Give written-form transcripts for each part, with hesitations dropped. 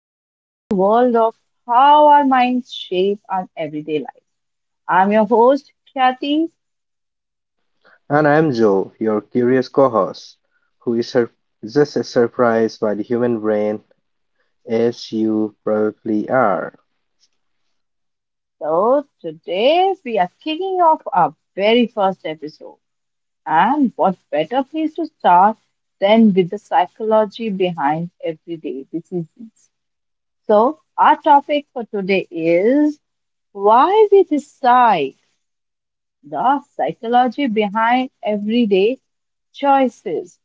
fascinating world of how our minds shape our everyday life. I'm your host Kathy. And I'm Joe, your curious co host, who is just as surprised by the human brain as you probably are. So today we are kicking off our very first episode. And what better place to start than with the psychology behind everyday decisions. So our topic for today is why we decide. The psychology behind everyday choices,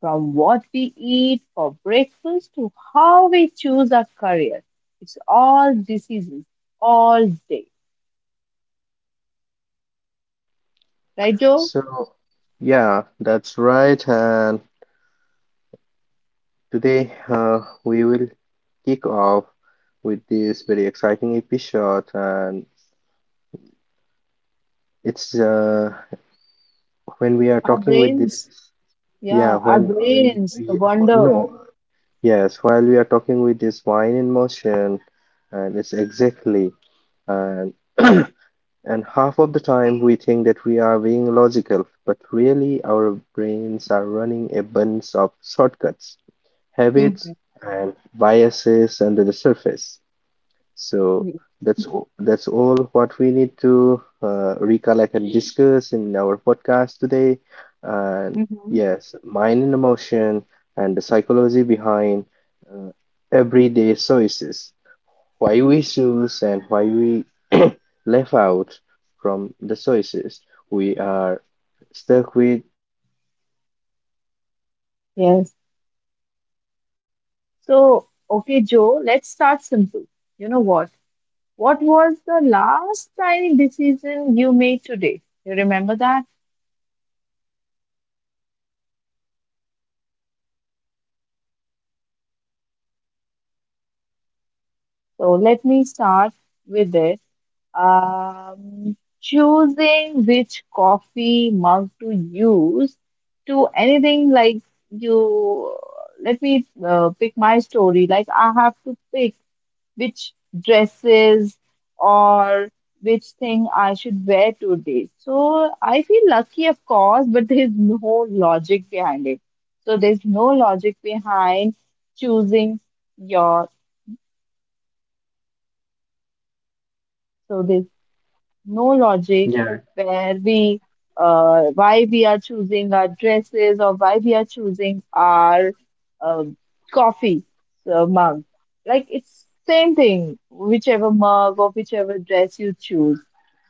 from what we eat for breakfast to how we choose our career. It's all decisions, all day. Right, Joe? So, yeah, that's right. And today we will kick off with this very exciting episode. And it's when we are Our talking with this, brains, yeah, yeah, our when, brains, the wonder. no, yes, while we are talking with this wine in motion, and it's exactly. And and half of the time we think that we are being logical, but really our brains are running a bunch of shortcuts, habits, Mm-hmm. and biases under the surface. So that's all what we need to recollect and discuss in our podcast today. And Mm-hmm. yes, mind and emotion and the psychology behind uh, everyday choices, why we choose and why we left out from the choices. We are stuck with choices in this Yes. everyday life. So, So, okay, Joe, why we let's start choose? simple. You know what? What was the last tiny decision you made today? You remember that? So let me start with this. Um, Choosing which coffee mug to use to anything like you. Let me pick my story. Like, I have to pick which dresses or which thing I should wear today. So I feel lucky, of course, but there's no logic behind it. So there's no logic behind choosing your. So there's no logic Yeah. where we why we are choosing our dresses, or why we are choosing our um coffee mug. Like, it's same thing whichever mug or whichever dress you choose.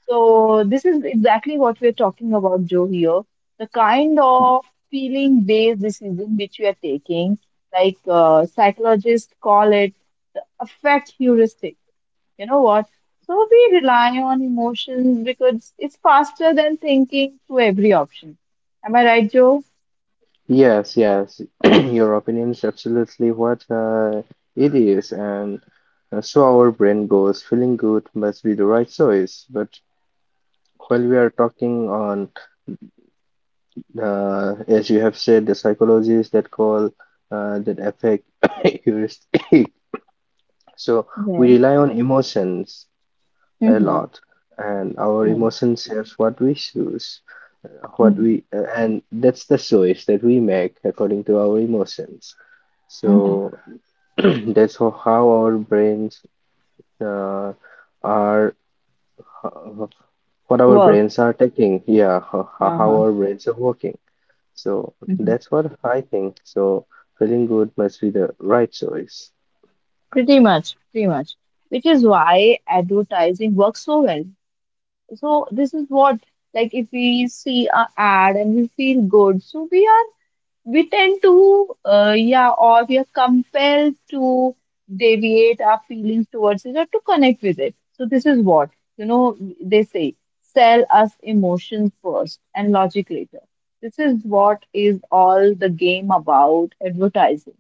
So this is exactly what we're talking about, Joe, here. The kind of feeling based decision which we are taking, like, psychologists call it affect heuristic. You know what? So we rely on emotions because it's faster than thinking through every option. Am I right, Joe? Yes, yes. Your opinion is absolutely what it is, and so our brain goes, feeling good must be the right choice. But while we are talking on, as you have said, the psychologists that call that affect heuristic, so we Yes. rely on emotions a Mm-hmm. lot, and our emotions shapes what we choose, Mm-hmm. And that's the choice that we make according to our emotions. Mm-hmm. So that's how our brains uh, are, uh, what our Work. brains are taking. Yeah, how Uh-huh. our brains are working. So Mm-hmm. that's what I think. So feeling good must be the right choice. Pretty much, pretty much. Which is why advertising works so well. So this is what, like, if we see an ad and we feel good, so we are, we tend to, yeah, or we are compelled to deviate our feelings towards it or to connect with it. So this is what, you know, they say, sell us emotions first and logic later. This is what is all the game about advertising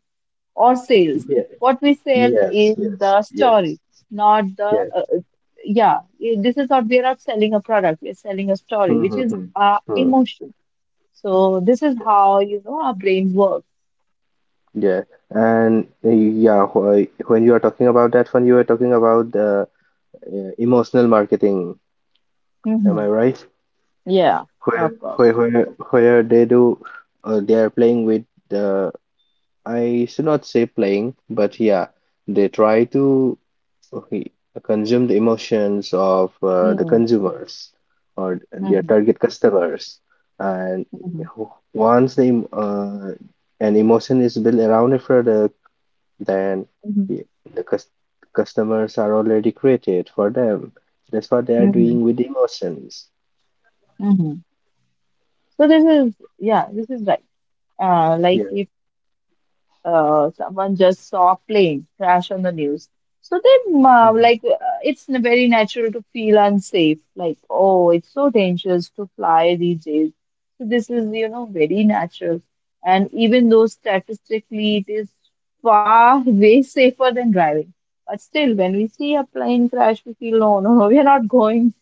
or sales. Yeah. What we sell Yes. is Yes. the story, Yes. not the Yes. Yeah. This is not, we are not selling a product, we are selling a story, which Mm-hmm. is Hmm, our hmm, hmm. emotion. So this is how, you know, our brain works. Yeah, and when you are talking about that one, you are talking about the emotional marketing. Am Mm-hmm. I right? Yeah, where of course. where where where they do, they are playing with the— I should not say playing, but yeah, they try to, okay, consume the emotions of the Mm-hmm. consumers or their Mm-hmm. target customers, and Mm-hmm. once the an emotion is built around a product, then Mm-hmm. y- the customers are already created for them. That's what they are Mm-hmm. doing with emotions. Mm-hmm. So this is, yeah, this is right. Like, Yeah. if someone just saw plane crash on the news. So then, like, very natural to feel unsafe. Like, oh, it's so dangerous to fly these days. So this is, you know, very natural. And even though statistically it is far way safer than driving, but still, when we see a plane crash, we feel, no, no, no, we are not going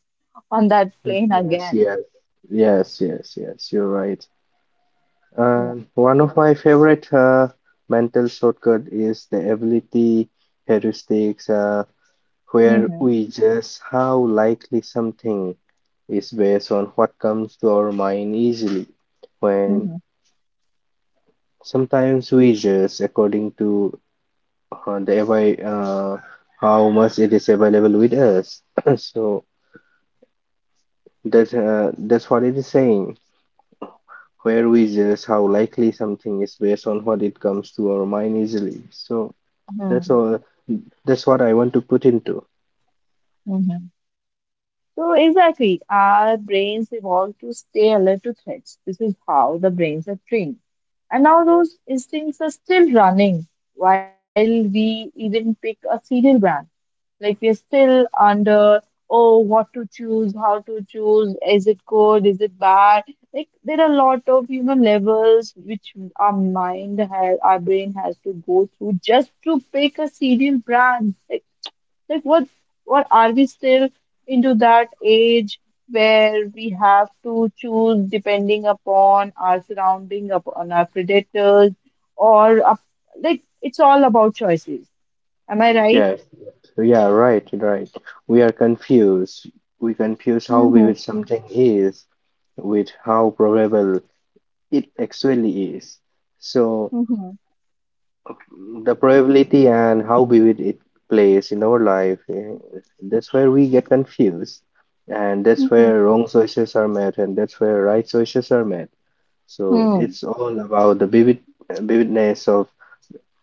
on that plane Yes, again. yes, yes, yes, yes, you're right. Yeah. And one of my favorite mental shortcut is the ability heuristics, where Mm-hmm. we judge how likely something is based on what comes to our mind easily. When Mm-hmm. sometimes we judge according to uh, the avai- uh, how much it is available with us. So that's what it is saying, where we judge how likely something is based on what it comes to our mind easily. So that's all. That's what I want to put into. Hmm. So exactly, our brains evolved to stay alert to threats. This is how the brains are trained. And now those instincts are still running while we even pick a cereal brand. Like, we are still under, oh, what to choose, how to choose, is it good, is it bad? Like, there are a lot of human levels which our mind has, our brain has to go through just to pick a cereal brand. Like, what are we still into that age where we have to choose depending upon our surrounding, upon our predators, or up, like, it's all about choices. Am I right? Yes. Yeah. Right. Right. We are confused. We confuse how Mm-hmm. vivid something is with how probable it actually is. So Mm-hmm. the probability and how vivid it plays in our life. That's where we get confused, and that's Mm-hmm. where wrong choices are made, and that's where right choices are made. So Hmm. it's all about the vivid, vividness of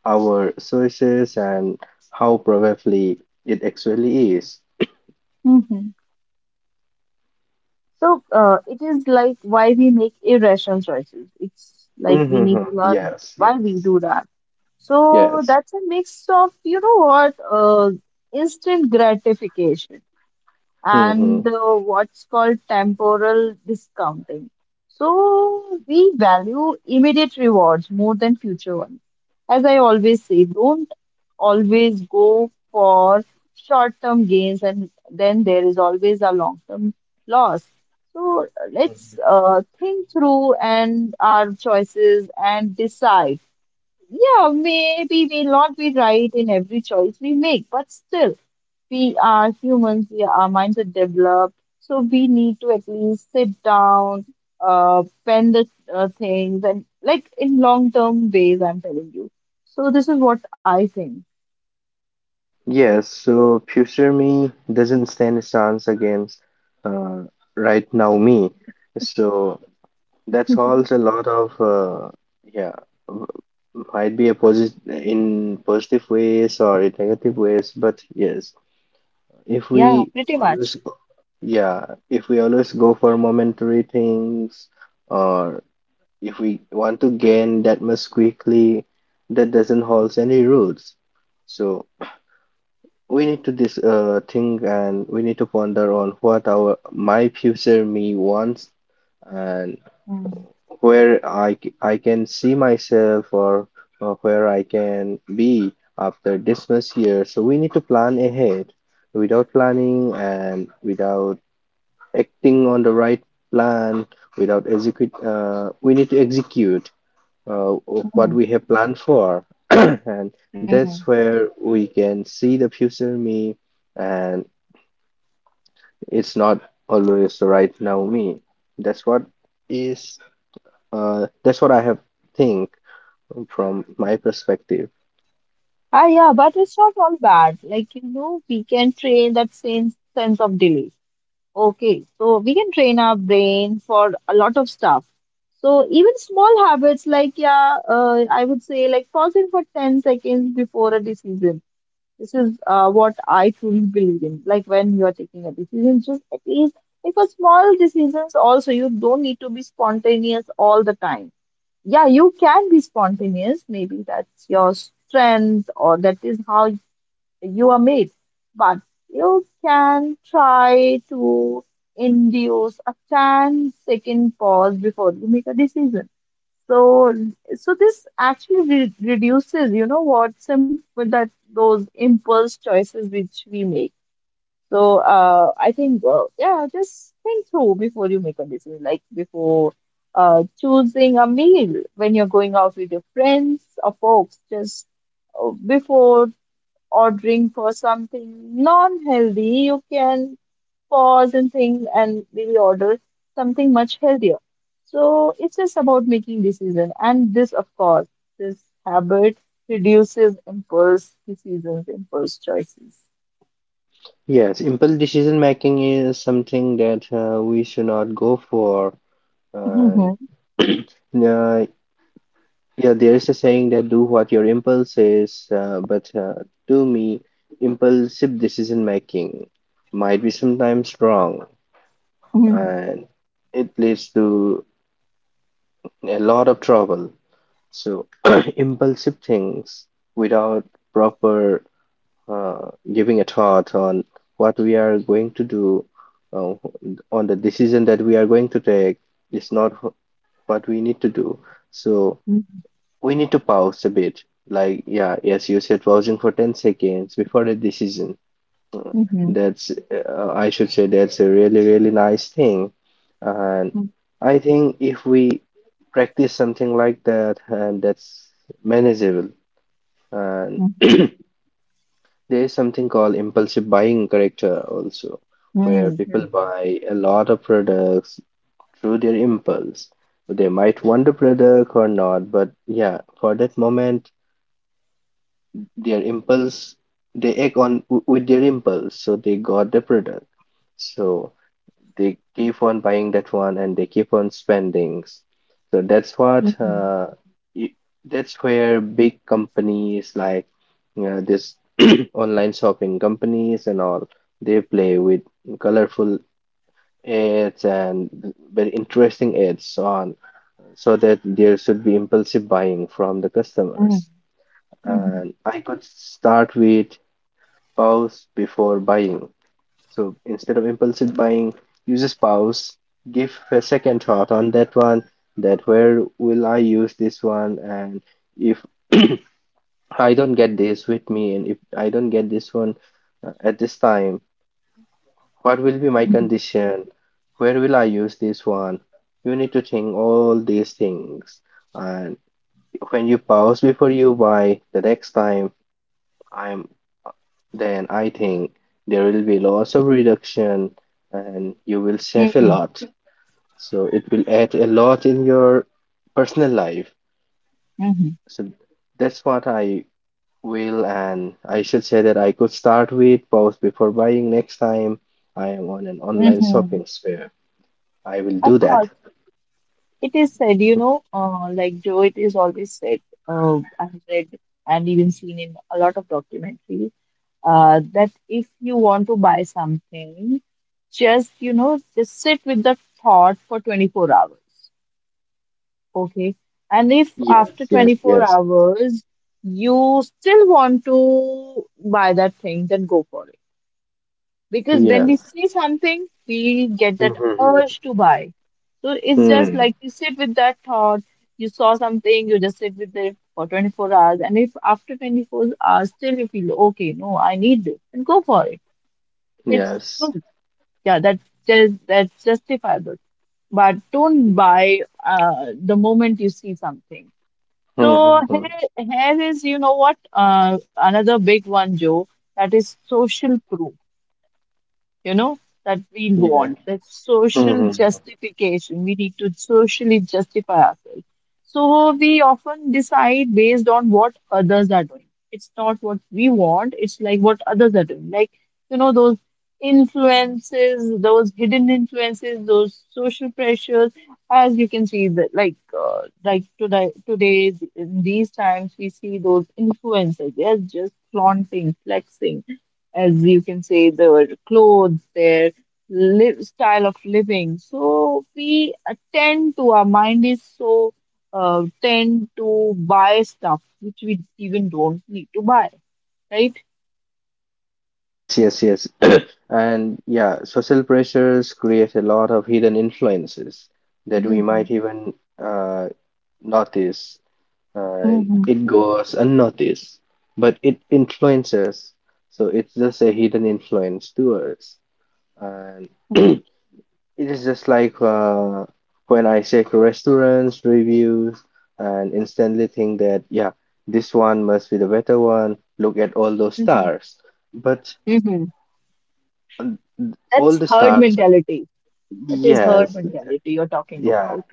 our sources and how probably it actually is. Mm-hmm. So it is like why we make irrational choices. It's like we need to Mm-hmm. learn Yes, why we yes, do that. So yes. that's a mix of, you know what, instant gratification and Mm-hmm. What's called temporal discounting. So we value immediate rewards more than future ones. As I always say, don't always go for short-term gains, and then there is always a long-term loss. So let's think through and our choices and decide, yeah, maybe we'll not be right in every choice we make, but still, we are humans, we, our minds are developed, so we need to at least sit down, pen the things, and like in long term ways, I'm telling you. So, this is what I think. Yes, so future me doesn't stand a chance against uh, right now me. So that's also a lot of yeah, w- might be a positive in positive ways or in negative ways, but yes, If Yeah, we pretty much. always, go- yeah, if we always go for momentary things, or if we want to gain that much quickly, that doesn't hold any rules. So we need to this think, and we need to ponder on what our my future me wants, and Mm-hmm. where I can see myself or where I can be after this Christmas year. So we need to plan ahead. Without planning and without acting on the right plan, without execute, we need to execute uh, what we have planned for, and Mm-hmm. that's where we can see the future me, and it's not always the right now me. That's what is that's what I have think from my perspective. Ah, yeah, but it's not all bad. Like, you know, we can train that same sense of delay. Okay, so we can train our brain for a lot of stuff. So even small habits like, yeah, I would say like pausing for 10 seconds before a decision. This is what I truly believe in. Like, when you are taking a decision, just at least, like for small decisions also, you don't need to be spontaneous all the time. Yeah, you can be spontaneous. Maybe that's your strength, or that is how you are made, but you can try to induce a ten-second pause before you make a decision. So, so this actually reduces, you know, what some with that those impulse choices which we make. So, I think, yeah, just think through before you make a decision, like before choosing a meal when you're going out with your friends or folks, just before ordering for something non-healthy, you can pause and think and maybe order something much healthier. So it's just about making decision, and this, of course, this habit reduces impulse decisions, impulse choices. Yes, impulse decision making is something that we should not go for. And uh, yeah, there is a saying that do what your impulse is, but to me, impulsive decision making might be sometimes wrong, Mhm, and it leads to a lot of trouble. So impulsive things without proper giving a thought on what we are going to do, uh, on the decision that we are going to take, is not what we need to do. So mhm, we need to pause a bit. Like, yeah, yes, you said pausing for 10 seconds before the decision. Uh, mhm, That's I should say, that's a really, really nice thing. And I think if we practice something like that, and that's manageable. And mhm, there is something called impulsive buying character also, where mhm, people buy a lot of products through their impulse. They might want the product or not, but yeah, for that moment, their impulse, they act on with their impulse, so they got the product. So they keep on buying that one and they keep on spending. So mhm, y- that's where big companies like, this online shopping companies and all, they play with colorful ads and very interesting ads on, so that there should be impulsive buying from the mhm, customers. mhm, mhm, And I could start with pause before buying, so instead of impulsive buying, you just pause, give a second thought on that one, that where will I use this one, and if I don't get this with me, and if I don't get this one at this time, what will be my mhm, condition? Where will I use this one? You need to think all these things. And when you pause before you buy, the next time, I'm I think there will be lots of reduction and you will save mhm, a mhm, lot. So it will add a lot in your personal life. mhm. So that's what I will, and I should say that I could start with pause before buying next time I am on an online Mhm. shopping spree. I will Of do that. course. It is said, you know, like, Joe, it is always said, I've read and even seen in a lot of documentaries, that if you want to buy something, just, you know, just sit with the thought for 24 hours. Okay. And if after Yes, yes, 24 yes, hours you still want to buy that thing, then go for it, because when yes. we see something, we get that Mm-hmm. urge to buy. So it's just Mm, like you sit with that thought, you saw something, you just sit with it for 24 hours, and if after 24 hours still you feel okay, no, I need this, and go for it. It's yes. good. Yeah, that's just, that's justifiable. But don't buy the moment you see something. So Mm-hmm. here, here is, you know what, another big one, Joe, that is social proof, you know, that we Yeah. want, that social Mm-hmm. justification. We need to socially justify ourselves. So we often decide based on what others are doing. It's not what we want, it's like what others are doing. Like, you know, those influences, those hidden influences, those social pressures, as you can see, that like, like today in these times we see those influencers, they're just flaunting, flexing, as you can say, their clothes, their live, style of living. So we, tend to, our mind is so tend to buy stuff which we even don't need to buy, right? Yes, yes, yes. And yeah, social pressures create a lot of hidden influences that we might Mm-hmm. even uh, notice. Uh, Mm-hmm. it goes unnoticed, but it influences. So it's just a hidden influence to us. And it is just like, when I check restaurants' reviews and instantly think that, yeah, this one must be the better one. Look at all those Mm-hmm. stars. But Mm-hmm. all That's the herd stars, mentality. That is herd yes. mentality you're talking Yeah, about.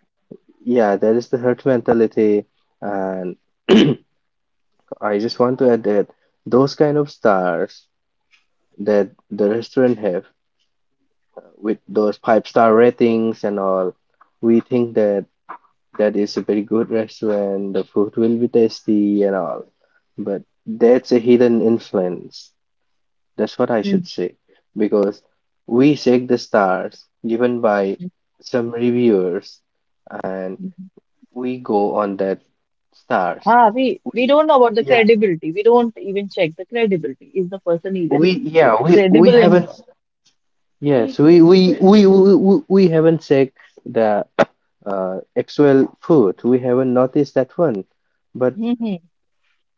yeah, there is the hurt mentality, and I just want to add that those kind of stars that the restaurant have, with those five-star ratings and all, we think that that is a very good restaurant, the food will be tasty and all, but that's a hidden influence. That's what I Mhm. should say, because we check the stars given by some reviewers, and we go on that stars. Ah, we don't know about the Yeah. credibility. We don't even check the credibility. Is the person We even yeah we credible in? haven't yes We we haven't checked the actual food. We haven't noticed that one, but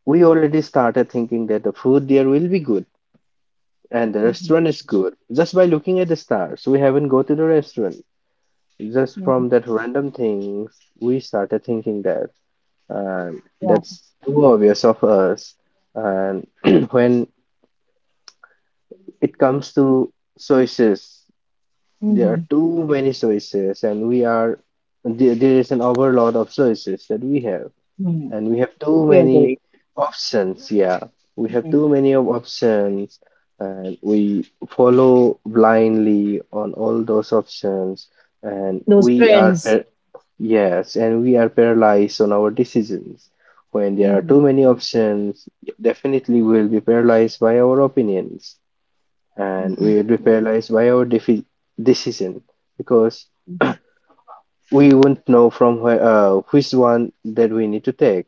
we already started thinking that the food there will be good and the Mm-hmm. restaurant is good just by looking at the stars. We haven't go to the restaurant just from that random things. We started thinking that, Yeah. that's too obvious of us. And when it comes to choices, there Mm-hmm. are too many choices, and there is an overload of choices that we have, Mm-hmm. and we have too Totally many agree. options. Yeah, we have Mhm. too many of options, and we follow blindly on all those options, and Those we are, trends. Yes, and we are paralyzed on our decisions. When there are Mm-hmm. too many options, definitely we will be paralyzed by our opinions, and Mm-hmm. we will be paralyzed by our decision, because Mm-hmm. we won't know from where, which one that we need to take.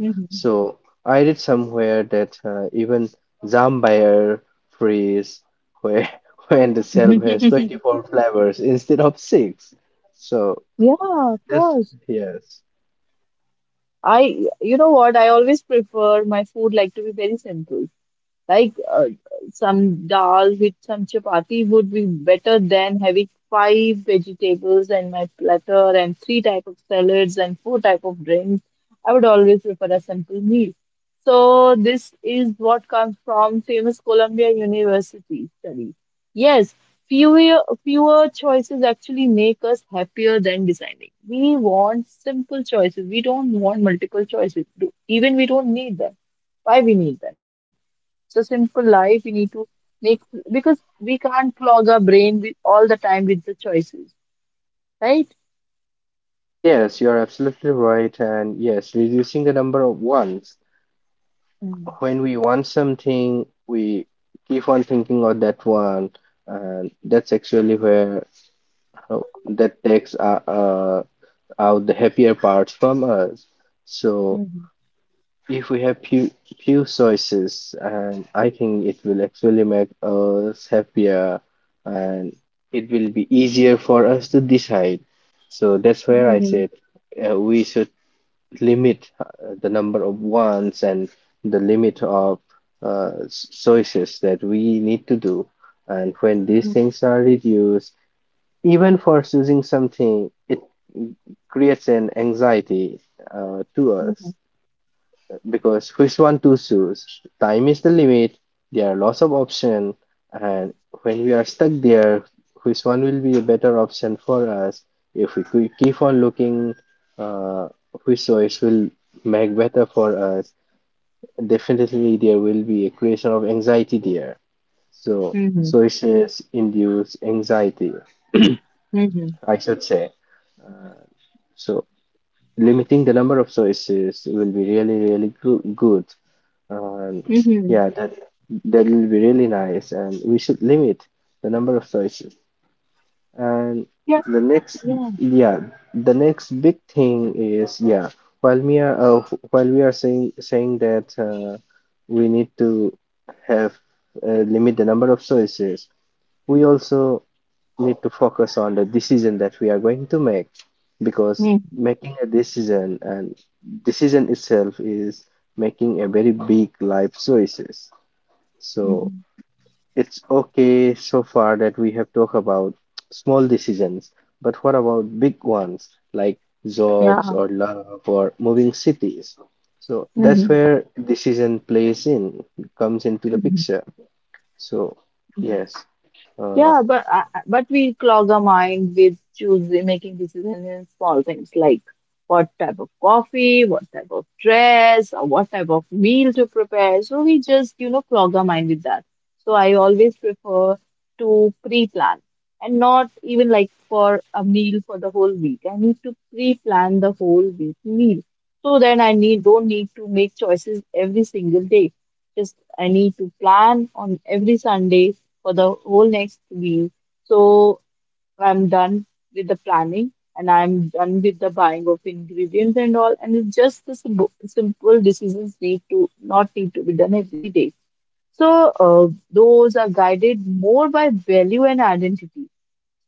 So I read somewhere that, even Zambier freeze where when the self has Mm-hmm. 24 flavors instead of six. So Yeah, of that's— course. yes. I, you know what? I always prefer my food like to be very simple. Like, some dal with some chapati would be better than having five vegetables and my platter and three type of salads and four type of drinks. I would always prefer a simple meal. So this is what comes from famous Columbia University study. Yes, fewer choices actually make us happier than designing. We want simple choices. We don't want multiple choices. Even we don't need them. Why we need them? So simple life we need to make, because we can't clog our brain with all the time with the choices, right? Yes, you are absolutely right, and yes, reducing the number of ones Mm, when we want something, we keep on thinking of that one, and that's actually where that takes out the happier parts from us. So mhm, if we have few choices, and I think it will actually make us happier, and it will be easier for us to decide. So that's where I mhm, said, we should limit, the number of wants and the limit of choices that we need to do. And when these mhm, things are reduced, even for choosing something, it creates an anxiety to us, because which one to choose? Time is the limit, there are lots of options, and when we are stuck there, which one will be a better option for us? If we keep on looking, uh, which choice will make better for us? Definitely, there will be a creation of anxiety there. So, mhm, choices induce anxiety, mhm, mhm, I should say. So, limiting the number of choices will be really good, and mhm. yeah, that will be really nice, and we should limit the number of choices and Yeah. the next Yeah. yeah, the next big thing is yeah, while we are uh, while we are saying that we need to have limit the number of choices, we also need to focus on the decision that we are going to make, because Hmm. making a decision and decision itself is making a very big life choices. So Mhm. it's okay so far that we have talked about small decisions, but what about big ones like jobs Yeah. or love or moving cities? So that's Mhm, where decision plays in, comes into the mhm, picture. So mhm. yes, uh, Yeah, but but we clog our mind with choosing making decisions in small things like what type of coffee, what type of dress, or what type of meal to prepare. So we just, you know, clog our mind with that. So I always prefer to pre-plan, and not even like for a meal for the whole week. I need to pre-plan the whole week meal. So then I need, don't need to make choices every single day. Just I need to plan on every Sunday for the whole next week. So I'm done with the planning and I'm done with the buying of ingredients and all. And it's just the simple, simple decisions need to, not need to be done every day. So those are guided more by value and identity.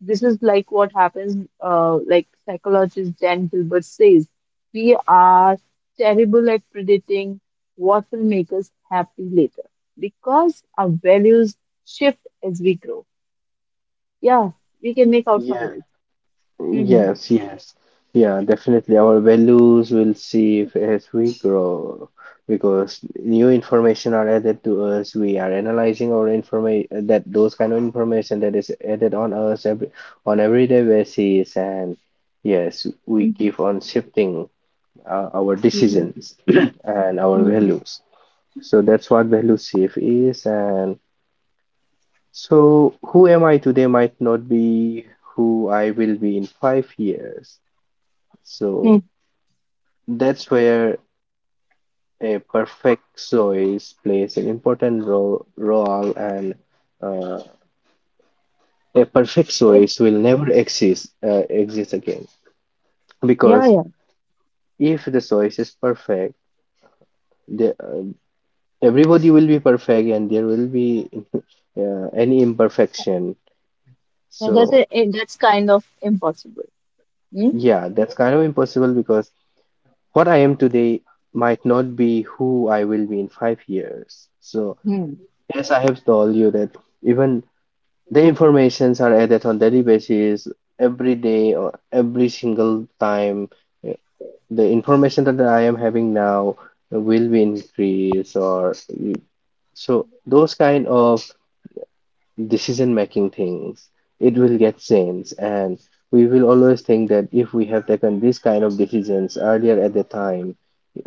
This is like what happens, like psychologist Dan Gilbert says, we are terrible at predicting what will make us happy later, because our values shift as we grow. Yeah, we can make out from yeah. this. Mm-hmm. Yes, yes. Yeah, definitely. Our values will see as we grow, because new information are added to us. We are analyzing our information, that those kind of information that is added on us every on everyday basis, and yes, we Mm-hmm. keep on shifting our decisions and our Mm-hmm. values. So that's what value shift is, and so who am I today might not be who I will be in 5 years. Mm-hmm. So that's where a perfect choice plays an important role and uh, a perfect It, choice will never exist exist again, yeah, because yeah. if the choice is perfect, the everybody will be perfect and there will be any imperfection. Yeah, that's So a, it, that's kind of impossible. Mm-hmm. yeah, that's kind of impossible, because what I am today might not be who I will be in 5 years. So Mm-hmm. yes, I have told you that even the informations are added on daily basis, every day or every single time. Uh, The information that I am having now will be increased, or so those kind of decision making things, it will get changed. And we will always think that if we have taken this kind of decisions earlier at the time,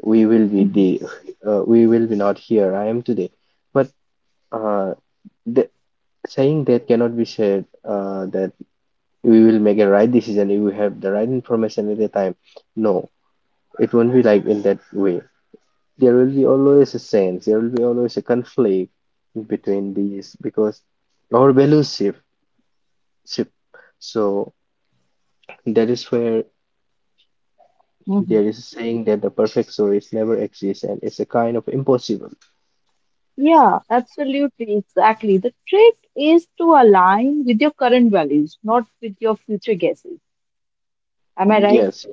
we will be the we will be not here. I am today. But uh, the, saying that cannot be said that we will make a right decision if we have the right information at the time. No, it won't be like in that way. There will be always a sense, there will be always a conflict between these, because our values shift. So that is where Mm-hmm. there is a saying that the perfect story never exists and it's a kind of impossible. Yeah, absolutely, exactly. The trick is to align with your current values, not with your future guesses. Am I right? Yes,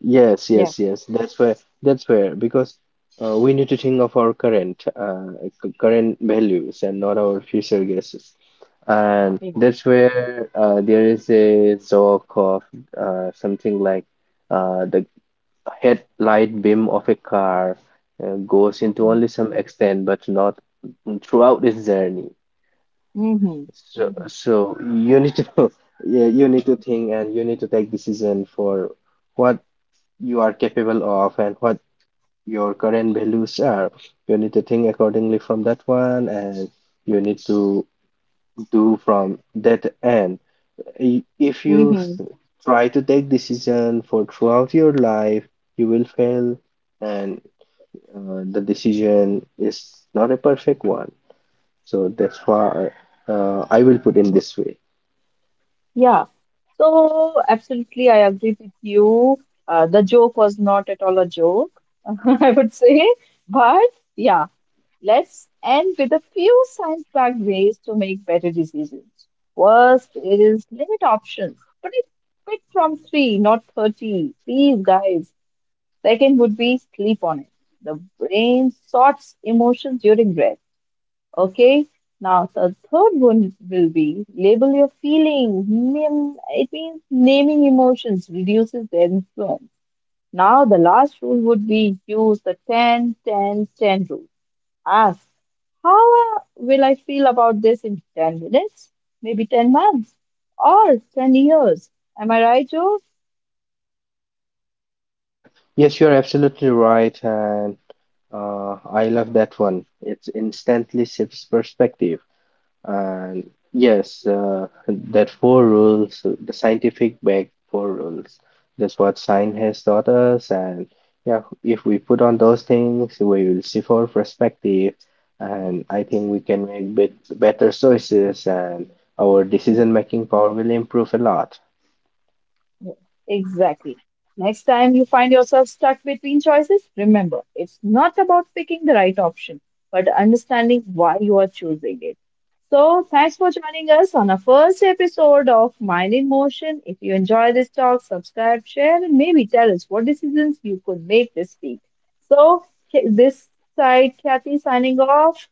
yes, Yeah. yes, yes. That's where because we need to think of our current current values and not our future guesses. And Yeah. that's where there is a joke of something like the headlight beam of a car goes into Mm-hmm. only some extent, but not throughout its journey. Mm-hmm. So, so you need to yeah, you need to think and you need to take decision for what you are capable of and what your current values are. You need to think accordingly from that one, and you need to do from that end. If you Mm-hmm. Try to take decision for throughout your life, you will fail, and the decision is not a perfect one. So that's why I will put in this way. Yeah, so absolutely, I agree with you. The joke was not at all a joke, I would say. But yeah, let's end with a few science-backed ways to make better decisions. First is limit options. But it, pick from three, not 30. Please, guys. Second would be sleep on it. The brain sorts emotions during rest. Okay. Now the third one will be label your feelings. Name, it means naming emotions reduces their influence. Now the last rule would be use the 10, 10, 10 rule. Ask, how will I feel about this in 10 minutes? Maybe 10 months or 10 years. Am I right, Jules? Yes, you are. Yes, you are absolutely right, and I love that one. It instantly shifts perspective. And yes, that 4 rules, the scientific back 4 rules, that's what science has taught us. And yeah, if we put on those things, we will see for perspective. And I think we can make bit better choices, and our decision making power will improve a lot. Exactly. Next time you find yourself stuck between choices, remember it's not about picking the right option, but understanding why you are choosing it. So, thanks for joining us on our first episode of Mind in Motion. If you enjoy this talk, subscribe, share, and maybe tell us what decisions you could make this week. So, this side, Kathy signing off.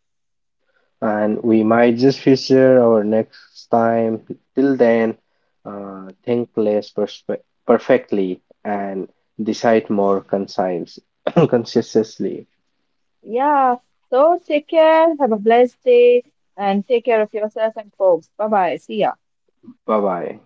And we might just feature our next time. Till then, think less perfectly and decide more concise, consciously. Yeah. So, take care. Have a blessed day, and take care of yourself and folks. Bye bye. See ya. Bye bye.